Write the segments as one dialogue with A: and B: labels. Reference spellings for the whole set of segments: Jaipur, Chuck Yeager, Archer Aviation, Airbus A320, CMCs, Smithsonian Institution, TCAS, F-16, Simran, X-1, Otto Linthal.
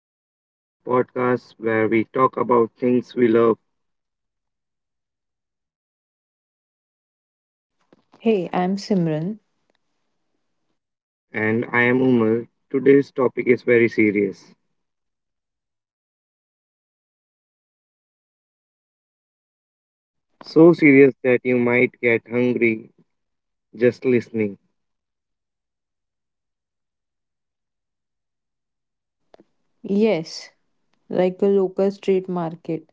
A: Welcome back to the podcast where we talk about things we love.
B: Hey, I'm Simran.
A: And I am Umar. Today's topic is very serious. So serious that you might get hungry just listening.
B: Yes, like a local street market.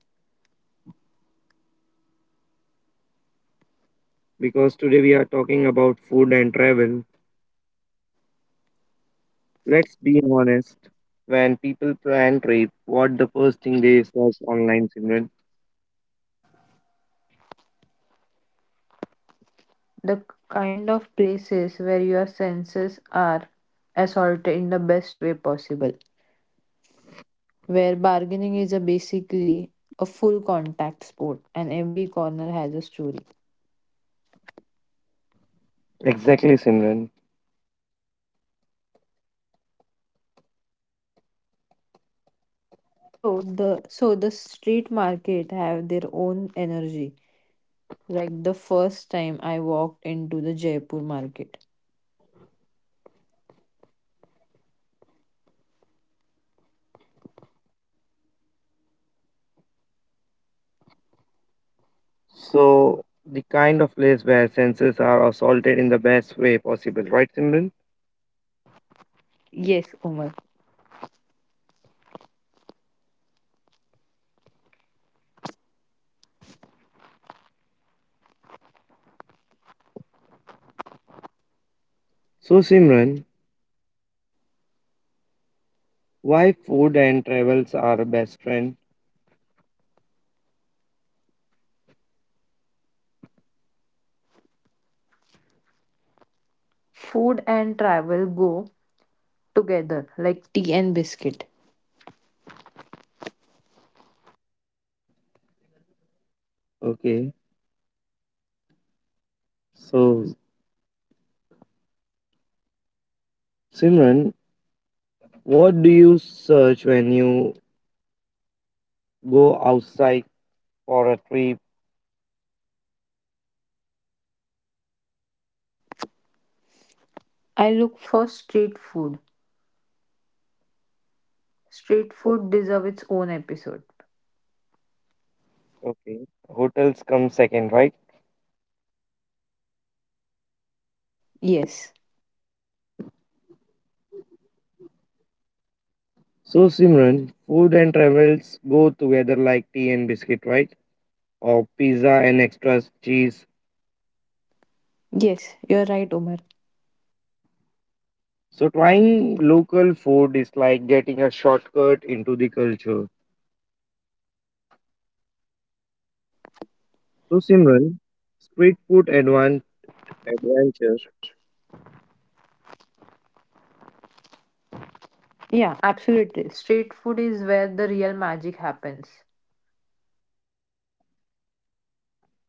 A: Because today we are talking about food and travel. Let's be honest. When people plan trip, what the first thing they search online, Simran?
B: The kind of places where your senses are assaulted in the best way possible. Where bargaining is a basically a full contact sport and every corner has a story.
A: Exactly, Simran.
B: So the street market have their own energy. Like the first time I walked into the Jaipur market.
A: So the kind of place where senses are assaulted in the best way possible, right, Simran?
B: Yes, Umar.
A: So, Simran, why food and travels are best friend?
B: Food and travel go together like tea and biscuit.
A: Okay, so Simran, what do you search when you go outside for a trip?
B: I look for street food. Street food deserves its own episode.
A: Okay, hotels come second, right?
B: Yes,
A: So Simran, food and travels go together like tea and biscuit, right? Or pizza and extra cheese.
B: yes, you're right, Omar.
A: So trying local food is like getting a shortcut into the culture. So Simran, street food adventure.
B: Yeah, absolutely. Street food is where the real magic happens.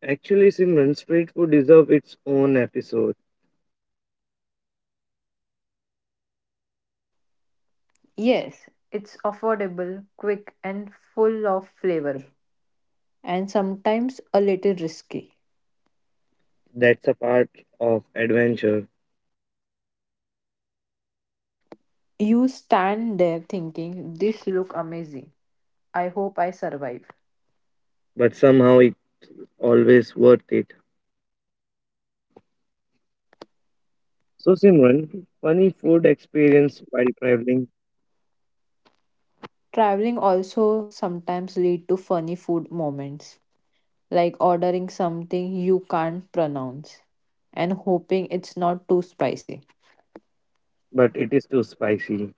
A: Actually, Simran, street food deserves its own episode.
B: Yes, it's affordable, quick, and full of flavor, and sometimes a little risky.
A: That's a part of adventure,
B: You stand there thinking, this look amazing. I hope I survive.
A: but somehow it's always worth it. So, Simran, funny food experience while traveling,
B: Traveling also sometimes lead to funny food moments, like ordering something you can't pronounce and hoping it's not too spicy.
A: but it is too spicy,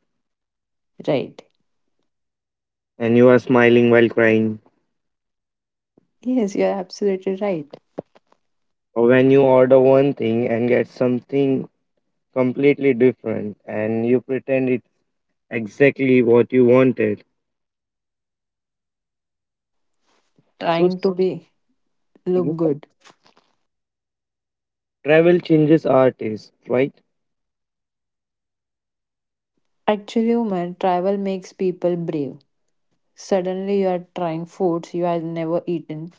B: Right.
A: and you are smiling while crying.
B: Yes, you're absolutely right.
A: Or when you order one thing and get something completely different, and you pretend it's exactly what you wanted. So,
B: Trying to be look
A: Simran,
B: good.
A: travel changes our taste, right?
B: Actually, Umar, travel makes people brave. Suddenly, you are trying foods you had never eaten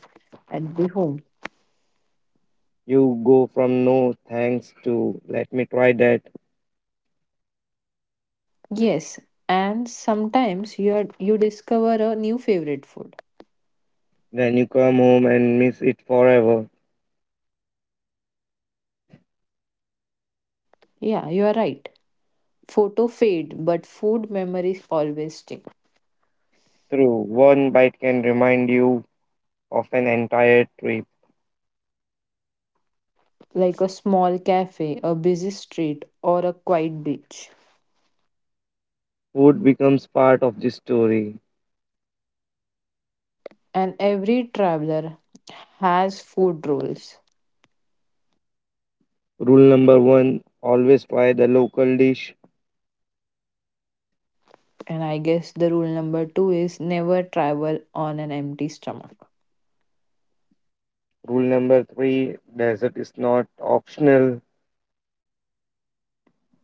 B: at the home.
A: You go from no thanks to let me try that.
B: Yes, and sometimes you discover a new favorite food.
A: Then you come home and miss it forever.
B: Yeah, you are right. Photo fade, but food memories always stick,
A: True, one bite can remind you of an entire trip.
B: like a small cafe, a busy street, or a quiet beach.
A: Food becomes part of the story.
B: And every traveler has food rules.
A: Rule number one always try the local dish.
B: And I guess the rule number two is never travel on an empty stomach.
A: Rule number three dessert is not optional.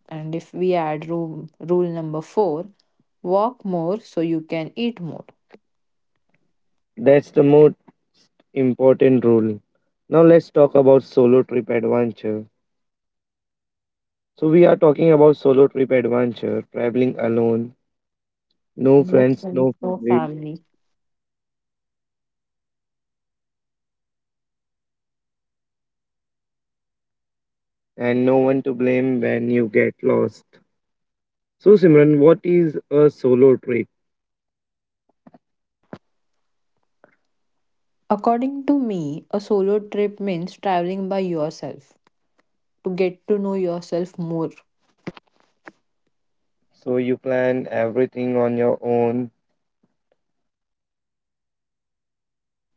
B: And if we add rule number four, walk more so you can eat more.
A: That's the most important rule. Now let's talk about solo trip adventure. So we are talking about solo trip adventure, traveling alone, no
B: No
A: friends,
B: friends,
A: no
B: no
A: family,
B: family.
A: and no one to blame when you get lost. So, Simran, what is a solo trip?
B: According to me, a solo trip means traveling by yourself to get to know yourself more.
A: So you plan everything on your own.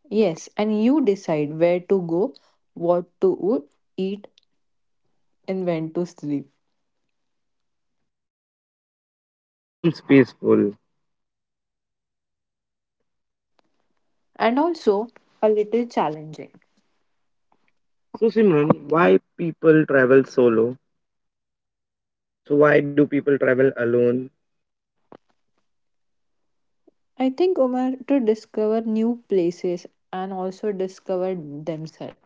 B: Yes, and you decide where to go, what to eat, and when to sleep.
A: Sounds peaceful.
B: And also a little challenging.
A: So, Simran, why people travel solo? So, why do people travel alone?
B: I think, Umar, to discover new places and also discover themselves.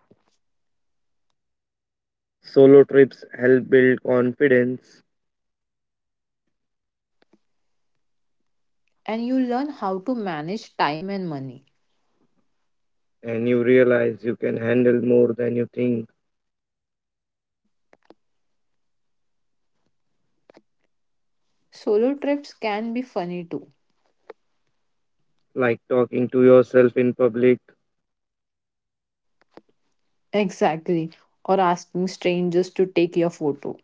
A: Solo trips help build confidence,
B: And you learn how to manage time and money.
A: and you realize you can handle more than you think,
B: Solo trips can be funny too.
A: like talking to yourself in public
B: Exactly. Or asking strangers to take your photo.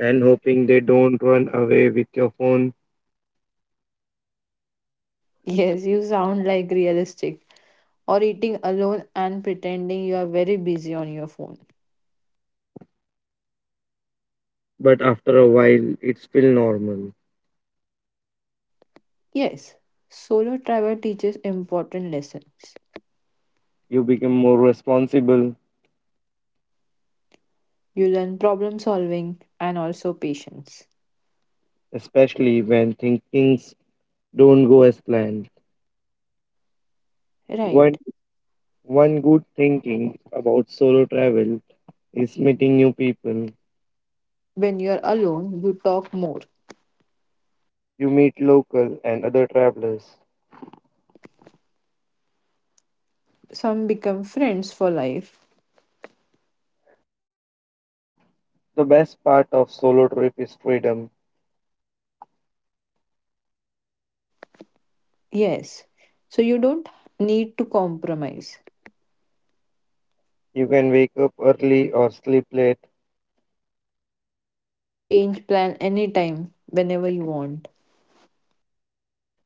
A: and hoping they don't run away with your phone.
B: Yes, you sound like realistic. Or eating alone and pretending you are very busy on your phone.
A: But after a while, it's still normal.
B: Yes, solo travel teaches important lessons.
A: You become more responsible,
B: You learn problem solving and also patience.
A: especially when things don't go as planned. One
B: Right.
A: one good thinking about solo travel is meeting new people.
B: When you're alone, you talk more.
A: You meet local and other travelers.
B: Some become friends for life.
A: The best part of solo trip is freedom.
B: Yes. So you don't need to compromise.
A: You can wake up early or sleep late
B: Change plan anytime, whenever you want.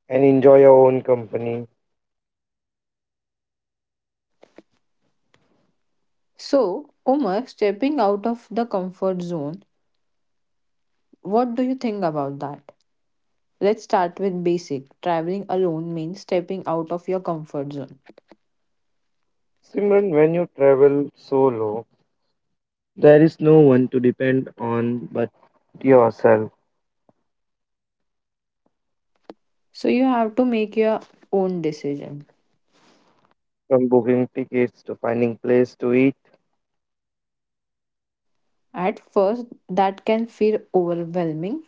A: and enjoy your own company.
B: So, Umar, stepping out of the comfort zone, what do you think about that? Let's start with basic. Traveling alone means stepping out of your comfort zone.
A: Simran, when you travel solo, there is no one to depend on but yourself.
B: So you have to make your own decision.
A: From booking tickets to finding place to eat,
B: At first, that can feel overwhelming,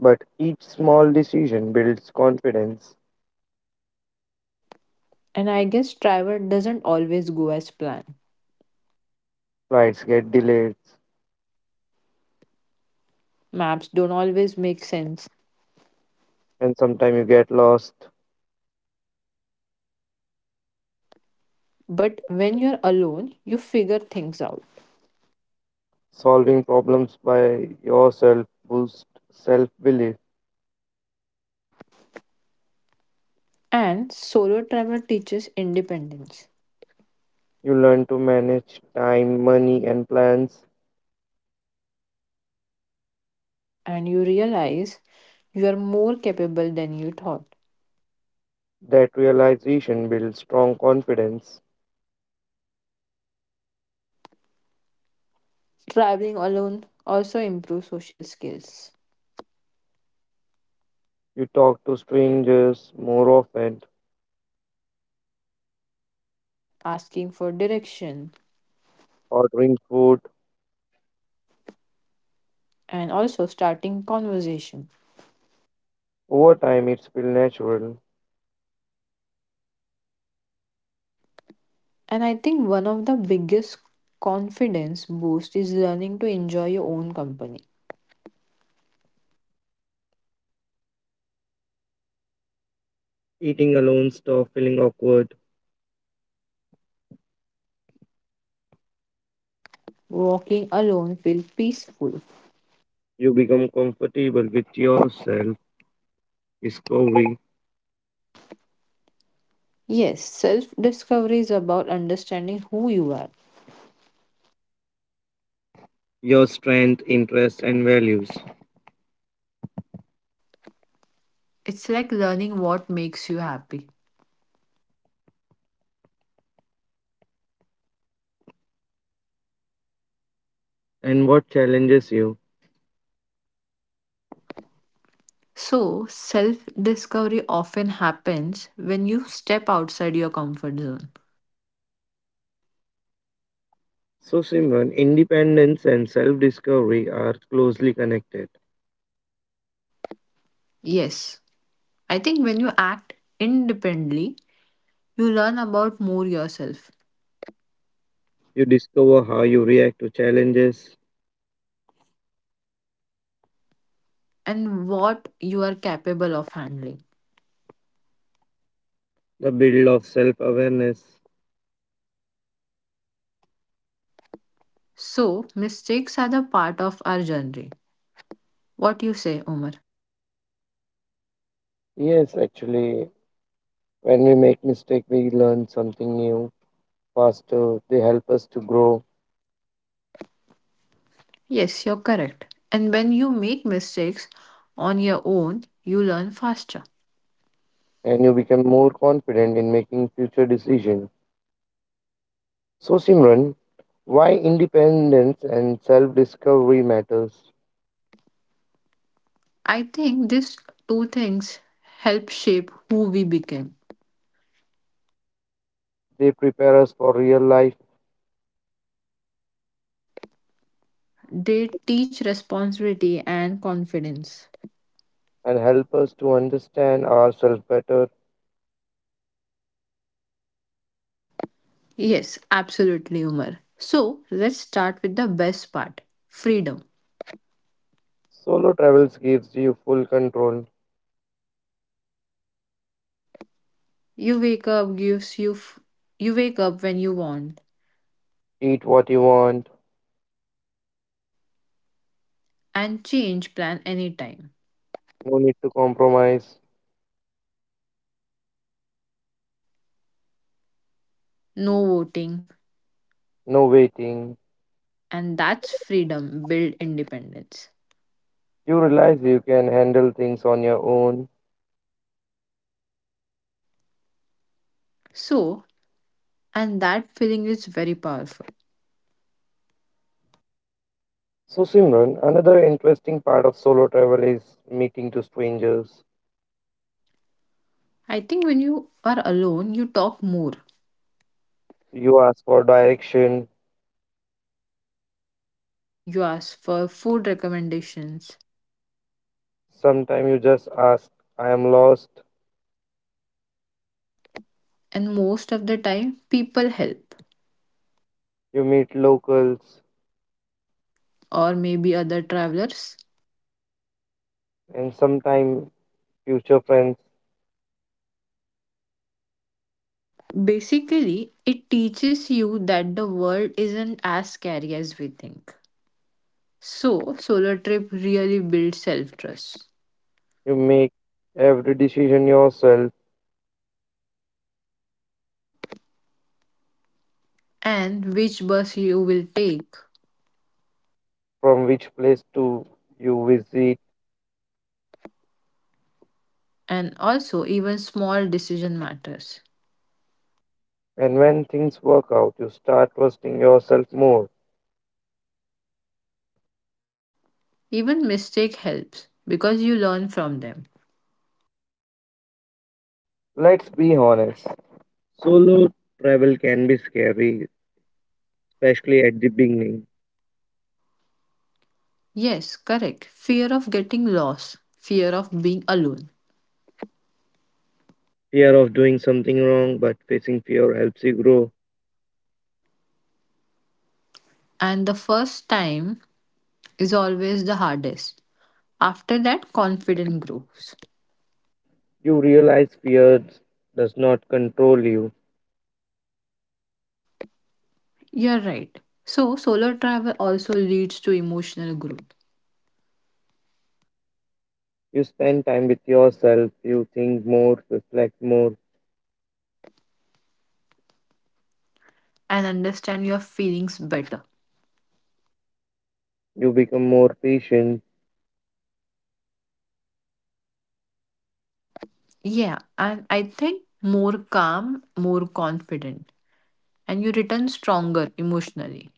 A: but each small decision builds confidence.
B: and I guess travel doesn't always go as planned.
A: Flights get delayed,
B: Maps don't always make sense.
A: and sometimes you get lost.
B: But when you're alone, you figure things out.
A: Solving problems by yourself boosts self belief.
B: And solo travel teaches independence,
A: You learn to manage time, money, and plans.
B: and you realize you are more capable than you thought.
A: That realization builds strong confidence.
B: Traveling alone also improves social skills,
A: You talk to strangers more often,
B: asking for direction,
A: ordering food.
B: and also starting conversation.
A: Over time, it's feel natural.
B: And I think one of the biggest confidence boost is learning to enjoy your own company.
A: Eating alone stop feeling awkward.
B: Walking alone feels peaceful.
A: You become comfortable with yourself, discovering
B: Yes, self discovery is about understanding who you are.
A: your strength, interests, and values,
B: It's like learning what makes you happy.
A: and what challenges you.
B: So, self discovery often happens when you step outside your comfort zone.
A: So, Simran, independence and self discovery are closely connected.
B: Yes, I think when you act independently, you learn about more yourself
A: You discover how you react to challenges,
B: and what you are capable of handling.
A: the build of self awareness.
B: So, mistakes are the part of our journey. What you say, Omar?
A: Yes, actually, when we make mistake, we learn something new faster. They help us to grow,
B: Yes, you're correct. And when you make mistakes on your own, you learn faster.
A: and you become more confident in making future decisions. So, Simran, why independence and self-discovery matters?
B: I think these two things help shape who we become.
A: They prepare us for real life
B: They teach responsibility and confidence.
A: and help us to understand ourselves better.
B: Yes, absolutely, Umar. So let's start with the best part, freedom.
A: Solo travels gives you full control.
B: You wake up, gives you, f- you wake up when you want,
A: Eat what you want,
B: and change plan anytime.
A: no need to compromise,
B: No voting,
A: no waiting.
B: and that's freedom build independence,
A: You realize you can handle things on your own.
B: so and that feeling is very powerful.
A: So, Simran, another interesting part of solo travel is meeting to strangers.
B: I think when you are alone you talk more,
A: You ask for direction.
B: you ask for food recommendations,
A: Sometimes you just ask, I am lost.
B: and most of the time people help,
A: You meet locals
B: or maybe other travelers.
A: and sometimes future friends.
B: Basically it teaches you that the world isn't as scary as we think, so solo trip really builds self trust,
A: You make every decision yourself
B: and which bus you will take
A: from which place to you visit.
B: and also even small decision matters.
A: And when things work out, you start trusting yourself more.
B: Even mistake helps because you learn from them.
A: Let's be honest, solo travel can be scary, especially at the beginning.
B: Yes, correct. Fear of getting lost, fear of being alone.
A: Fear of doing something wrong, but facing fear helps you grow.
B: And the first time is always the hardest. After that, confidence grows.
A: You realize fear does not control you.
B: You're right. So, solo travel also leads to emotional growth
A: You spend time with yourself, you think more, reflect more,
B: and understand your feelings better.
A: you become more patient.
B: Yeah, and I think more calm, more confident, and you return stronger emotionally.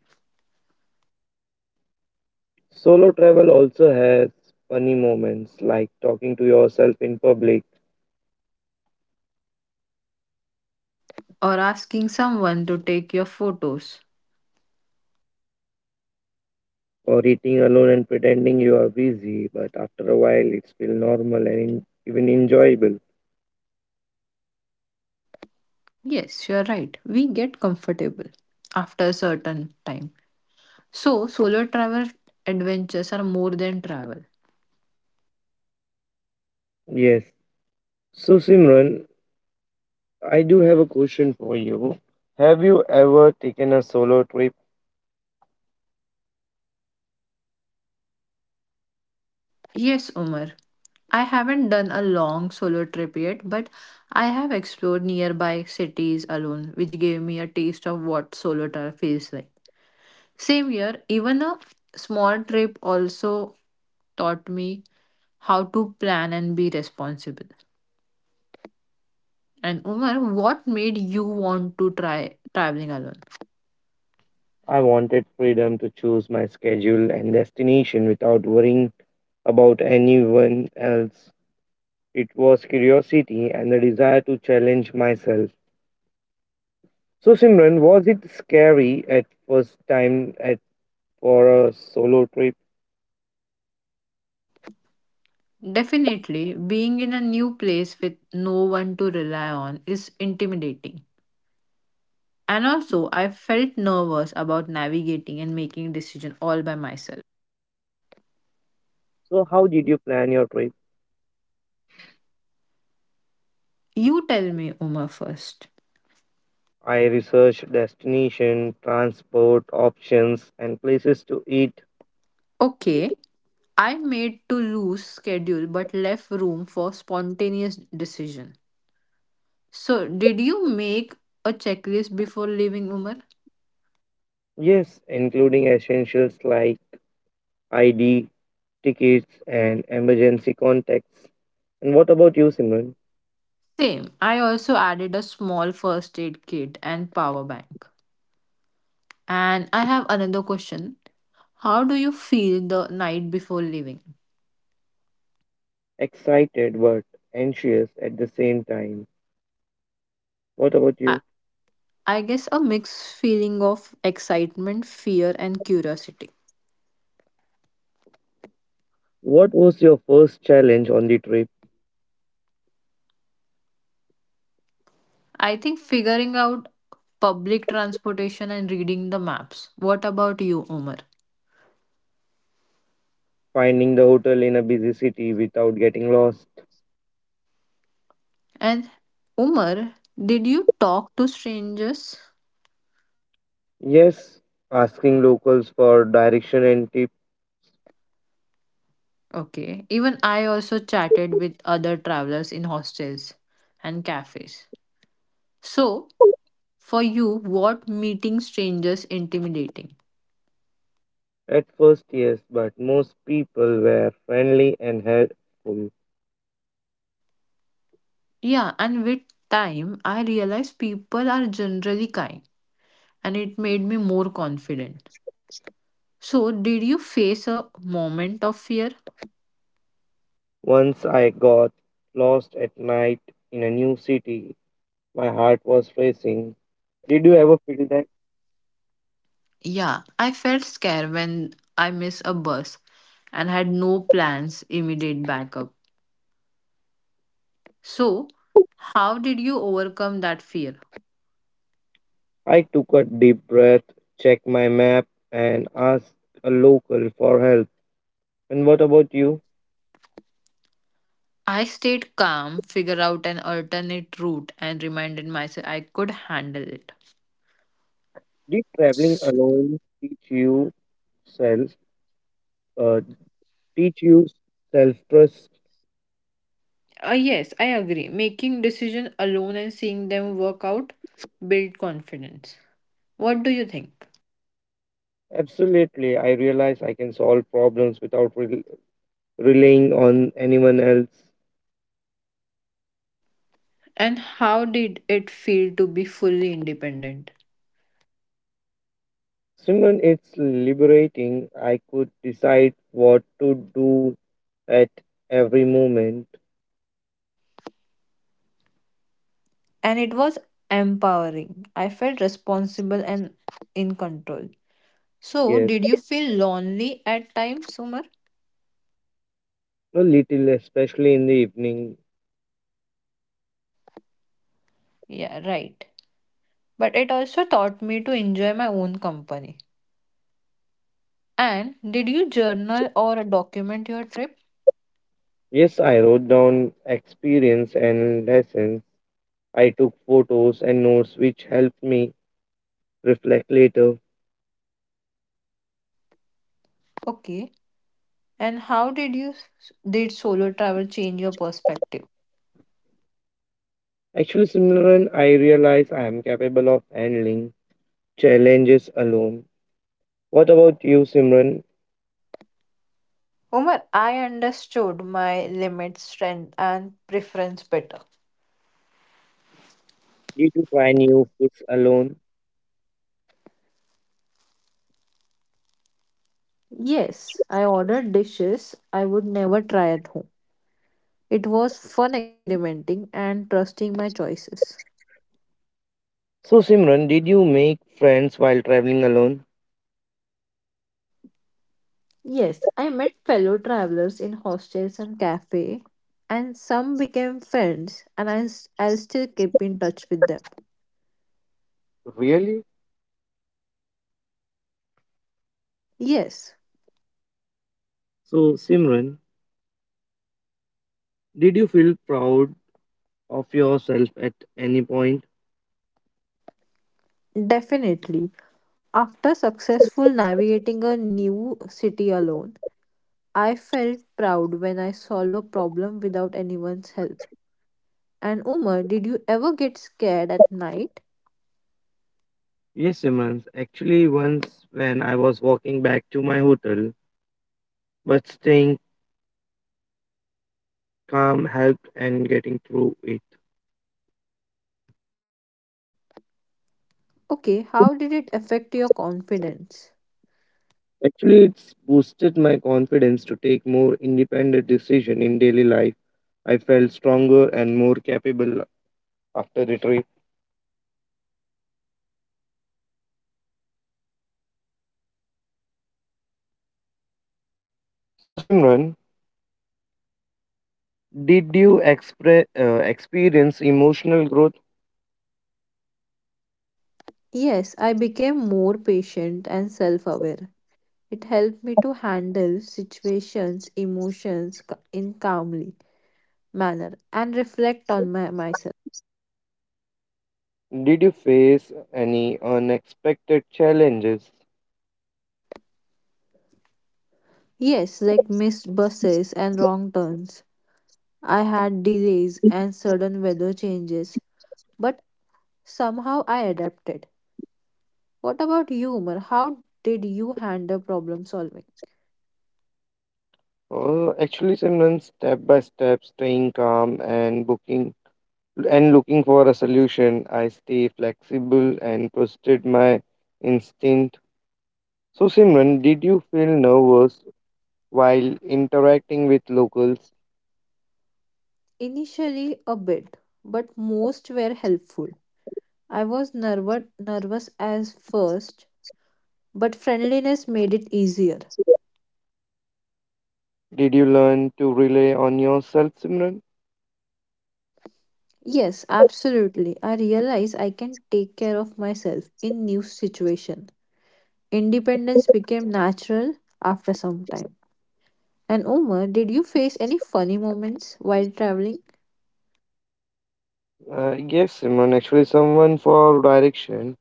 A: Solo travel also has funny moments like talking to yourself in public
B: Or asking someone to take your photos.
A: or eating alone and pretending you are busy, but after a while it's feel normal and even enjoyable.
B: Yes, you're right. We get comfortable after a certain time. So, solo travel adventures are more than travel.
A: Yes. So Simran, I do have a question for you. Have you ever taken a solo trip?
B: Yes, Umar. I haven't done a long solo trip yet, but I have explored nearby cities alone, which gave me a taste of what solo travel feels like. Same year, even a small trip also taught me how to plan and be responsible. And Umar, what made you want to try traveling alone?
A: I wanted freedom to choose my schedule and destination without worrying about anyone else. It was curiosity and the desire to challenge myself. So Simran, was it scary at first time at for a solo trip?
B: Definitely, being in a new place with no one to rely on is intimidating. And also, I felt nervous about navigating and making decision all by myself.
A: So how did you plan your trip?
B: You tell me, Uma, first.
A: I researched destination, transport options, and places to eat.
B: Okay, I made to loose schedule but left room for spontaneous decision. So, did you make a checklist before leaving, Umar?
A: Yes, including essentials like ID, tickets, and emergency contacts. And what about you, Simran?
B: Same. I also added a small first aid kit and power bank. And I have another question. How do you feel the night before leaving?
A: Excited but anxious at the same time. What about
B: I,
A: you?
B: I guess a mixed feeling of excitement, fear, and curiosity.
A: What was your first challenge on the trip?
B: I think figuring out public transportation and reading the maps. What about you, Umar?
A: Finding the hotel in a busy city without getting lost.
B: And Umar, did you talk to strangers?
A: Yes, asking locals for direction and tips.
B: Okay. Even I also chatted with other travelers in hostels and cafes. So, for you, what meeting strangers intimidating?
A: At first, yes, but most people were friendly and helpful.
B: Yeah, and with time, I realized people are generally kind, and it made me more confident. So, did you face a moment of fear?
A: Once I got lost at night in a new city. My heart was racing. Did you ever feel that?
B: Yeah, I felt scared when I missed a bus and had no plans, immediate backup. So, how did you overcome that fear?
A: I took a deep breath, checked my map, and asked a local for help. And what about you?
B: I stayed calm, figured out an alternate route, and reminded myself I could handle it.
A: Did traveling alone teach you self uh, teach you self trust?
B: Yes, I agree. Making decisions alone and seeing them work out build confidence. What do you think?
A: Absolutely, I realized I can solve problems without relying on anyone else.
B: And how did it feel to be fully independent?
A: Simran, it's liberating. I could decide what to do at every moment.
B: And it was empowering. I felt responsible and in control. So,
A: Yes,
B: did you feel lonely at times, Sumar?
A: a little, especially in the evening.
B: Yeah, right. But it also taught me to enjoy my own company. And did you journal or document your trip?
A: Yes, I wrote down experience and lessons. I took photos and notes which helped me reflect later.
B: Okay, and how did you did solo travel change your perspective?
A: Actually, Simran, I realize I am capable of handling challenges alone. What about you, Simran?
B: Omar, I understood my limits, strength, and preference better.
A: Did you try new foods alone?
B: Yes, I ordered dishes I would never try at home. It was fun experimenting and trusting my choices.
A: So, Simran, did you make friends while traveling alone?
B: Yes, I met fellow travelers in hostels and cafe, and some became friends, and I'll still keep in touch with them.
A: Really?
B: Yes,
A: So, Simran, did you feel proud of yourself at any point?
B: definitely. After successful navigating a new city alone, I felt proud when I solved a problem without anyone's help. And Umar, did you ever get scared at night?
A: Yes, Simran. Actually, once when I was walking back to my hotel, but staying calm helped and getting through it.
B: Okay, how did it affect your confidence?
A: Actually, it's boosted my confidence to take more independent decision in daily life. I felt stronger and more capable after the trip. So, Simran, did you experience emotional growth?
B: Yes, I became more patient and self aware. It helped me to handle situations, in calmly manner and reflect on myself.
A: Did you face any unexpected challenges?
B: Yes, like missed buses and wrong turns. I had delays and sudden weather changes, but somehow I adapted. What about you, Umar? How did you handle problem solving?
A: Or actually, Simran, step by step, staying calm and booking and looking for a solution, I stay flexible and trusted my instinct. So, Simran, did you feel nervous while interacting with locals?
B: Initially, a bit, but most were helpful. I was nervous as first, but friendliness made it easier.
A: Did you learn to rely on yourself, Simran?
B: Yes, absolutely. I realize I can take care of myself in new situation. Independence became natural after some time. And Omar, did you face any funny moments while traveling?
A: Yes, Simran. Actually, someone for direction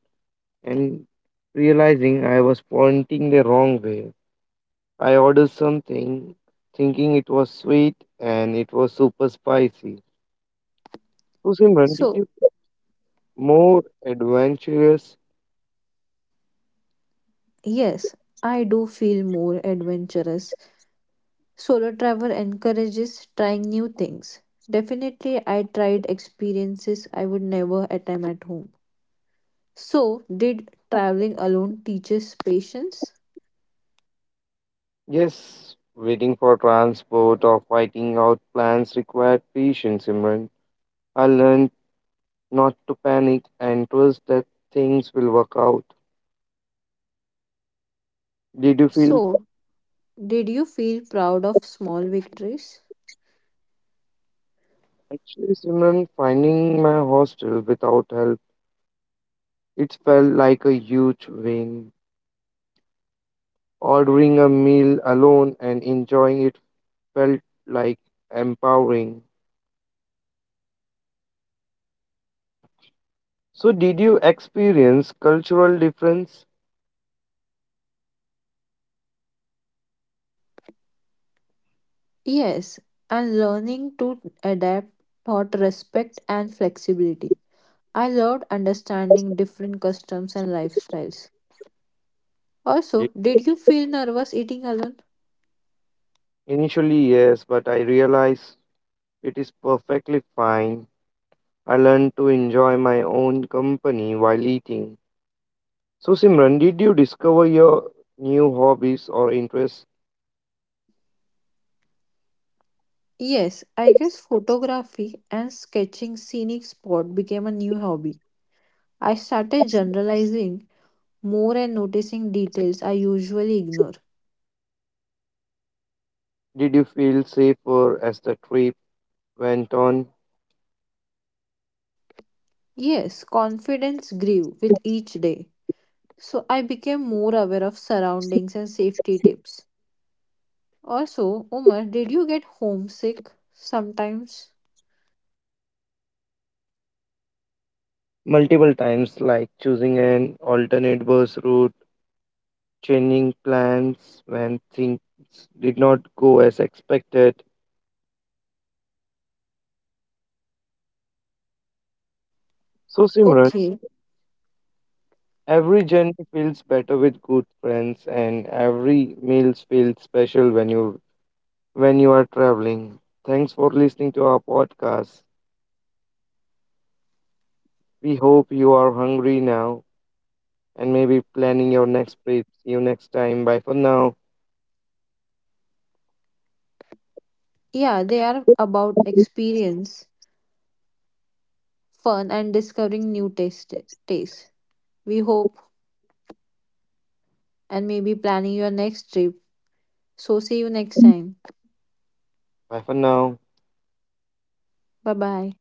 A: and realizing I was pointing the wrong way. I ordered something thinking it was sweet and it was super spicy. So Simran, did
B: So,
A: you get more adventurous?
B: yes, I do feel more adventurous. Solo travel encourages trying new things. Definitely, I tried experiences I would never attempt at home. So, did traveling alone teaches patience?
A: Yes, waiting for transport or fighting out plans required patience, Simran. I learned not to panic and trust that things will work out. Did you feel
B: So, did you feel proud of small victories?
A: actually Simran finding my hostel without help? It felt like a huge win. Ordering a meal alone and enjoying it felt like empowering. So, did you experience cultural difference?
B: Yes, and learning to adapt taught respect and flexibility. I loved understanding different customs and lifestyles.
A: Ye-
B: Also, did you feel nervous eating alone?
A: Initially, yes, but I realized it is perfectly fine. I learned to enjoy my own company while eating. So, Simran, did you discover your new hobbies or interests?
B: Yes, I guess photography and sketching scenic spot became a new hobby. I started generalizing more and noticing details I usually ignore.
A: Did you feel safer as the trip went on?
B: Yes, confidence grew with each day. So I became more aware of surroundings and safety tips. Also, Omar, did you get homesick sometimes?
A: Multiple times, like choosing an alternate bus route changing plans when things did not go as expected. So, Simran,
B: Okay.
A: every journey feels better with good friends, and every meal feels special when you are traveling. Thanks for listening to our podcast. We hope you are hungry now and maybe planning your next trip. See you next time. Bye for now.
B: Yeah, they are about experience, fun, and discovering new taste tastes. We hope and maybe planning your next trip. So see you next time.
A: Bye for now.
B: Bye bye.